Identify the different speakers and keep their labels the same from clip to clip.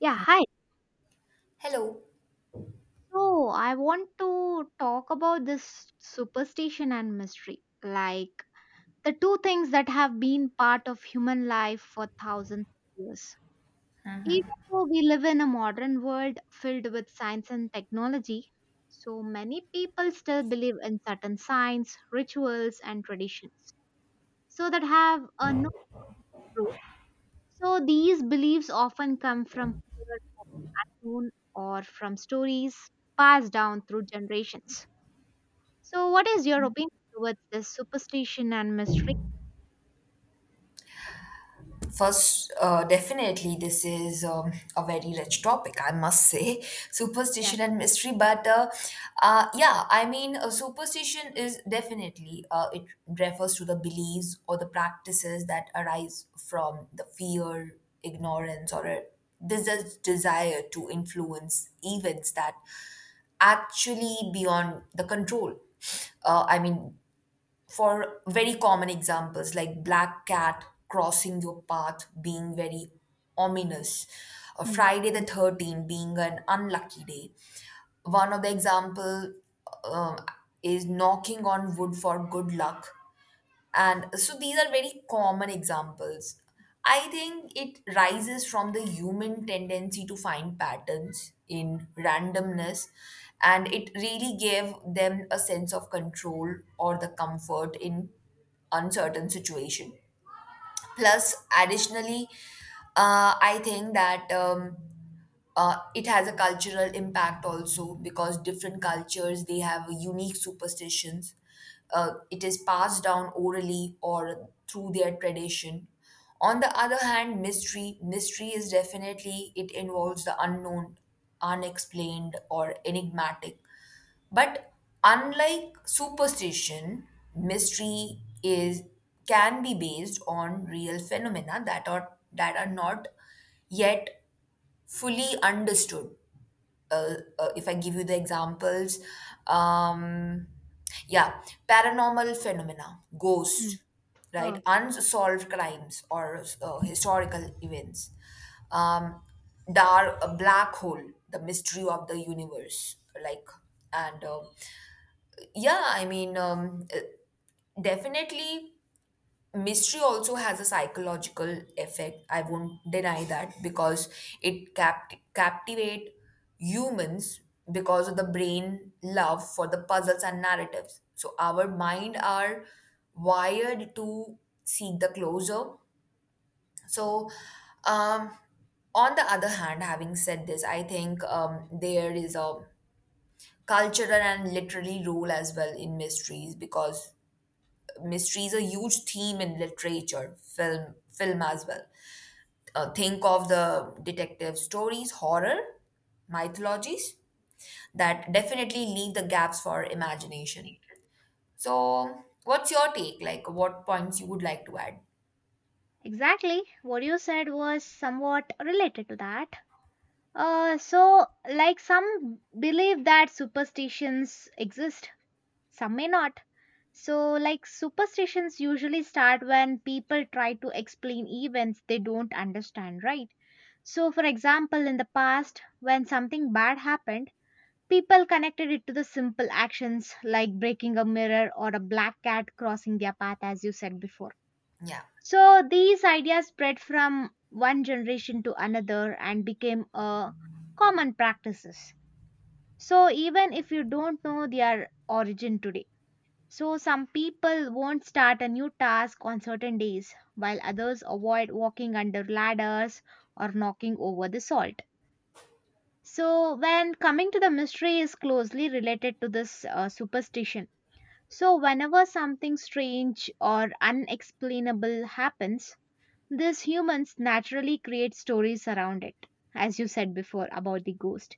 Speaker 1: Yeah, hi.
Speaker 2: Hello.
Speaker 1: So I want to talk about this superstition and mystery, like the two things that have been part of human life for thousands of years. Even though we live in a modern world filled with science and technology, so many people still believe in certain signs, rituals, and traditions. So that have a no proof. So these beliefs often come from fear of the unknown or from stories passed down through generations. So, what is your opinion towards this superstition and mystery?
Speaker 2: First, definitely, this is a very rich topic, I must say.
Speaker 1: Yeah.
Speaker 2: Superstition and mystery, but yeah, I mean, superstition is definitely, it refers to the beliefs or the practices that arise from the fear, ignorance, or a desire to influence events that actually beyond the control. Uh, I mean, for very common examples like black cat crossing your path being very ominous, or
Speaker 1: Hmm.
Speaker 2: friday the
Speaker 1: Hmm.
Speaker 2: 13th being an unlucky day. One of the example, um, is knocking on wood for good luck, and so these are very common examples. I think it rises from the human tendency to find patterns in randomness, and it really gave them a sense of control or the comfort in uncertain situation. Plus, additionally, I think that it has a cultural impact also, because different cultures they have unique superstitions. It is passed down orally or through their tradition. On the other hand, mystery is definitely, it involves the unknown, unexplained, or enigmatic. But unlike superstition, mystery is, can be based on real phenomena that are not yet fully understood. If I give you the examples, um, yeah, paranormal phenomena,
Speaker 1: Hmm.
Speaker 2: ghost,
Speaker 1: Oh,
Speaker 2: right, unsolved crimes or historical events, um, dark a black hole, the mystery of the universe, like and. Yeah, I mean, definitely mystery also has a psychological effect. I won't deny that because it captivate humans because of the brain love for the puzzles and narratives. So our mind are wired to seek the closure. So, um, on the other hand, having said this, I think there is a cultural and literary role as well in mysteries, because mystery is a huge theme in literature, film as well. Think of the detective stories, horror, mythologies, that definitely leave the gaps for imagination. So, what's your take? Like, what points you would like to add?
Speaker 1: exactly. What you said was somewhat related to that. So, like some believe that superstitions exist, some may not. So, like superstitions usually start when people try to explain events they don't understand, right? So, for example, in the past, when something bad happened, people connected it to the simple actions like breaking a mirror or a black cat crossing their path, as you said before.
Speaker 2: Yeah,
Speaker 1: So these ideas spread from one generation to another and became a common practices. So even if you don't know their origin today, so some people won't start a new task on certain days, while others avoid walking under ladders or knocking over the salt. So, when coming to the mystery is closely related to this superstition. So, whenever something strange or unexplainable happens, these humans naturally create stories around it, as you said before about the ghost.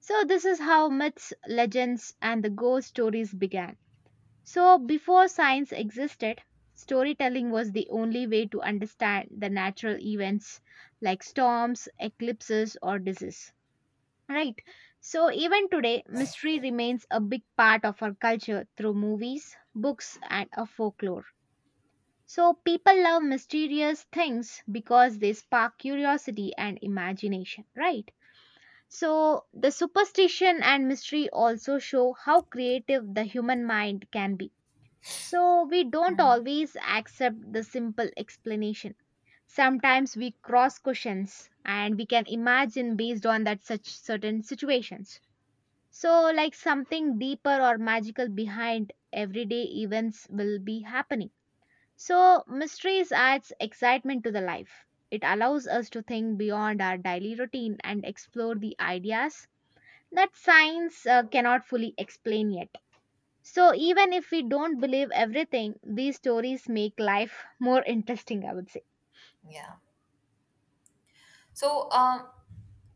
Speaker 1: So, this is how myths, legends, and the ghost stories began. So, before science existed, storytelling was the only way to understand the natural events like storms, eclipses, or disease. Right. So even today, mystery remains a big part of our culture through movies, books, and a folklore. So people love mysterious things because they spark curiosity and imagination, right? So the superstition and mystery also show how creative the human mind can be. So we don't always accept the simple explanation. Sometimes we cross questions and we can imagine based on that such certain situations. So, like something deeper or magical behind everyday events will be happening. So, mysteries adds excitement to the life. It allows us to think beyond our daily routine and explore the ideas that science cannot fully explain yet. So, even if we don't believe everything, these stories make life more interesting, I would say.
Speaker 2: yeah. So,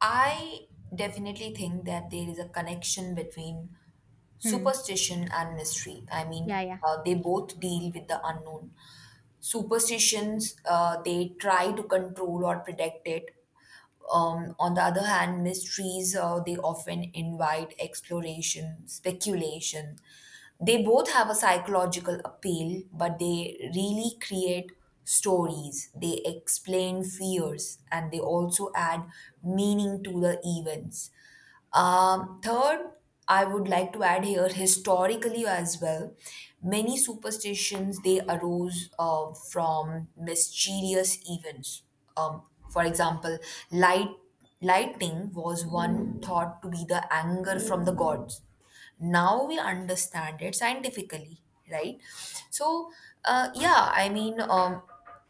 Speaker 2: I definitely think that there is a connection between
Speaker 1: Hmm.
Speaker 2: superstition and mystery. I
Speaker 1: Yeah,
Speaker 2: mean,
Speaker 1: yeah.
Speaker 2: they both deal with the unknown. Superstitions, they try to control or protect it. On the other hand, mysteries, they often invite exploration, speculation. They both have a psychological appeal, but they really create stories, they explain fears, and they also add meaning to the events. Third, I would like to add here historically as well. Many superstitions they arose from mysterious events. Um, for example, light lightning was one thought to be the anger from the gods. Now we understand it scientifically, right? So, yeah, I mean,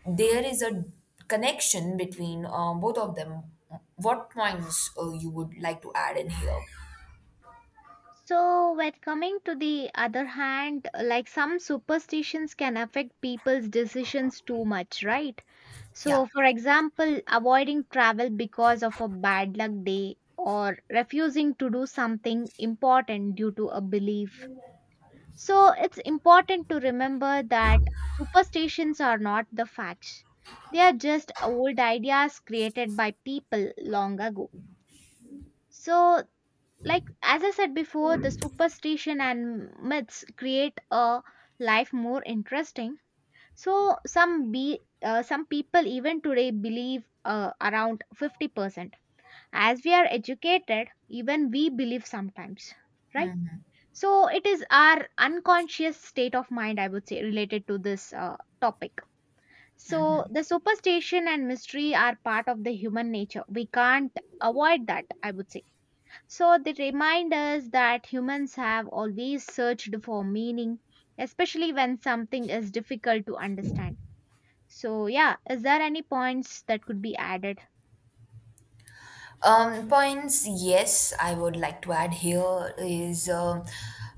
Speaker 2: there is a connection between, both of them. What points you would like to add in here?
Speaker 1: So, when coming to the other hand, like some superstitions can affect people's decisions too much, right?
Speaker 2: Yeah.
Speaker 1: So, for example, avoiding travel because of a bad luck day or refusing to do something important due to a belief. So, it's important to remember that superstitions are not the facts, they are just old ideas created by people long ago. So, like as I said before, the superstition and myths create a life more interesting. So some people even today believe around 50%. As we are educated, even we believe sometimes, right? So it is our unconscious state of mind, I would say, related to this topic. So the superstition and mystery are part of the human nature, we can't avoid that, I would say. So they remind us that humans have always searched for meaning, especially when something is difficult to understand. So yeah, is there any points that could be added?
Speaker 2: Points, yes, I would like to add here is, um,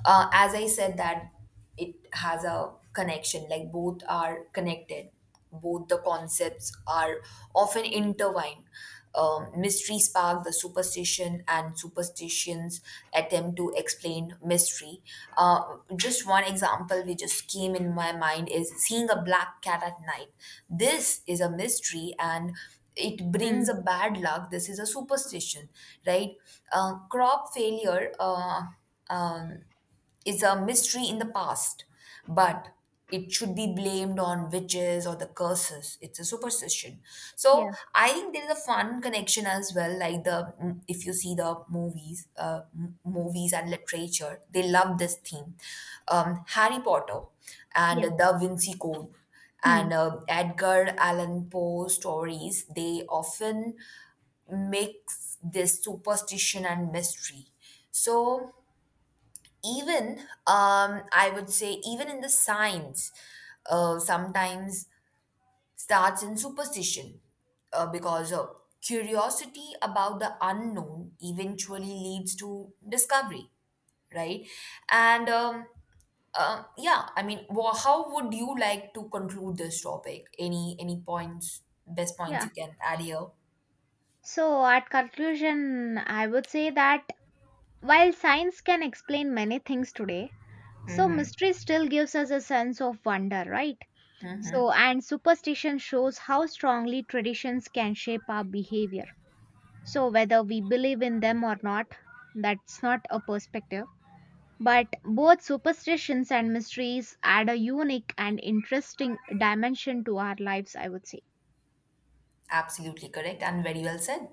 Speaker 2: uh, as I said, that it has a connection, like both are connected, both the concepts are often intertwined. Mystery spark the superstition, and superstitions attempt to explain mystery. Just one example which just came in my mind is seeing a black cat at night. This is a mystery, and it
Speaker 1: Hmm.
Speaker 2: brings a bad luck, this is a superstition, right? Crop failure, um, is a mystery in the past, but it should be blamed on witches or the curses. It's a superstition.
Speaker 1: Yeah.
Speaker 2: So I think there is a fun connection as well. Like if you see the movies, movies and literature, they love this theme. Harry Potter and
Speaker 1: Yeah.
Speaker 2: the Vinci Code
Speaker 1: Hmm.
Speaker 2: and Edgar Allan Poe stories. They often mix this superstition and mystery. So even, I would say even in the science, sometimes starts in superstition, because curiosity about the unknown eventually leads to discovery, right? And yeah, I mean, wha how would you like to conclude this topic? Any points, best points
Speaker 1: Yeah.
Speaker 2: you can add here?
Speaker 1: So at conclusion, I would say that while science can explain many things today, so mystery still gives us a sense of wonder, right? So and superstition shows how strongly traditions can shape our behavior. So, whether we believe in them or not, that's not a perspective. But both superstitions and mysteries add a unique and interesting dimension to our lives, I would say.
Speaker 2: Absolutely correct and very well said.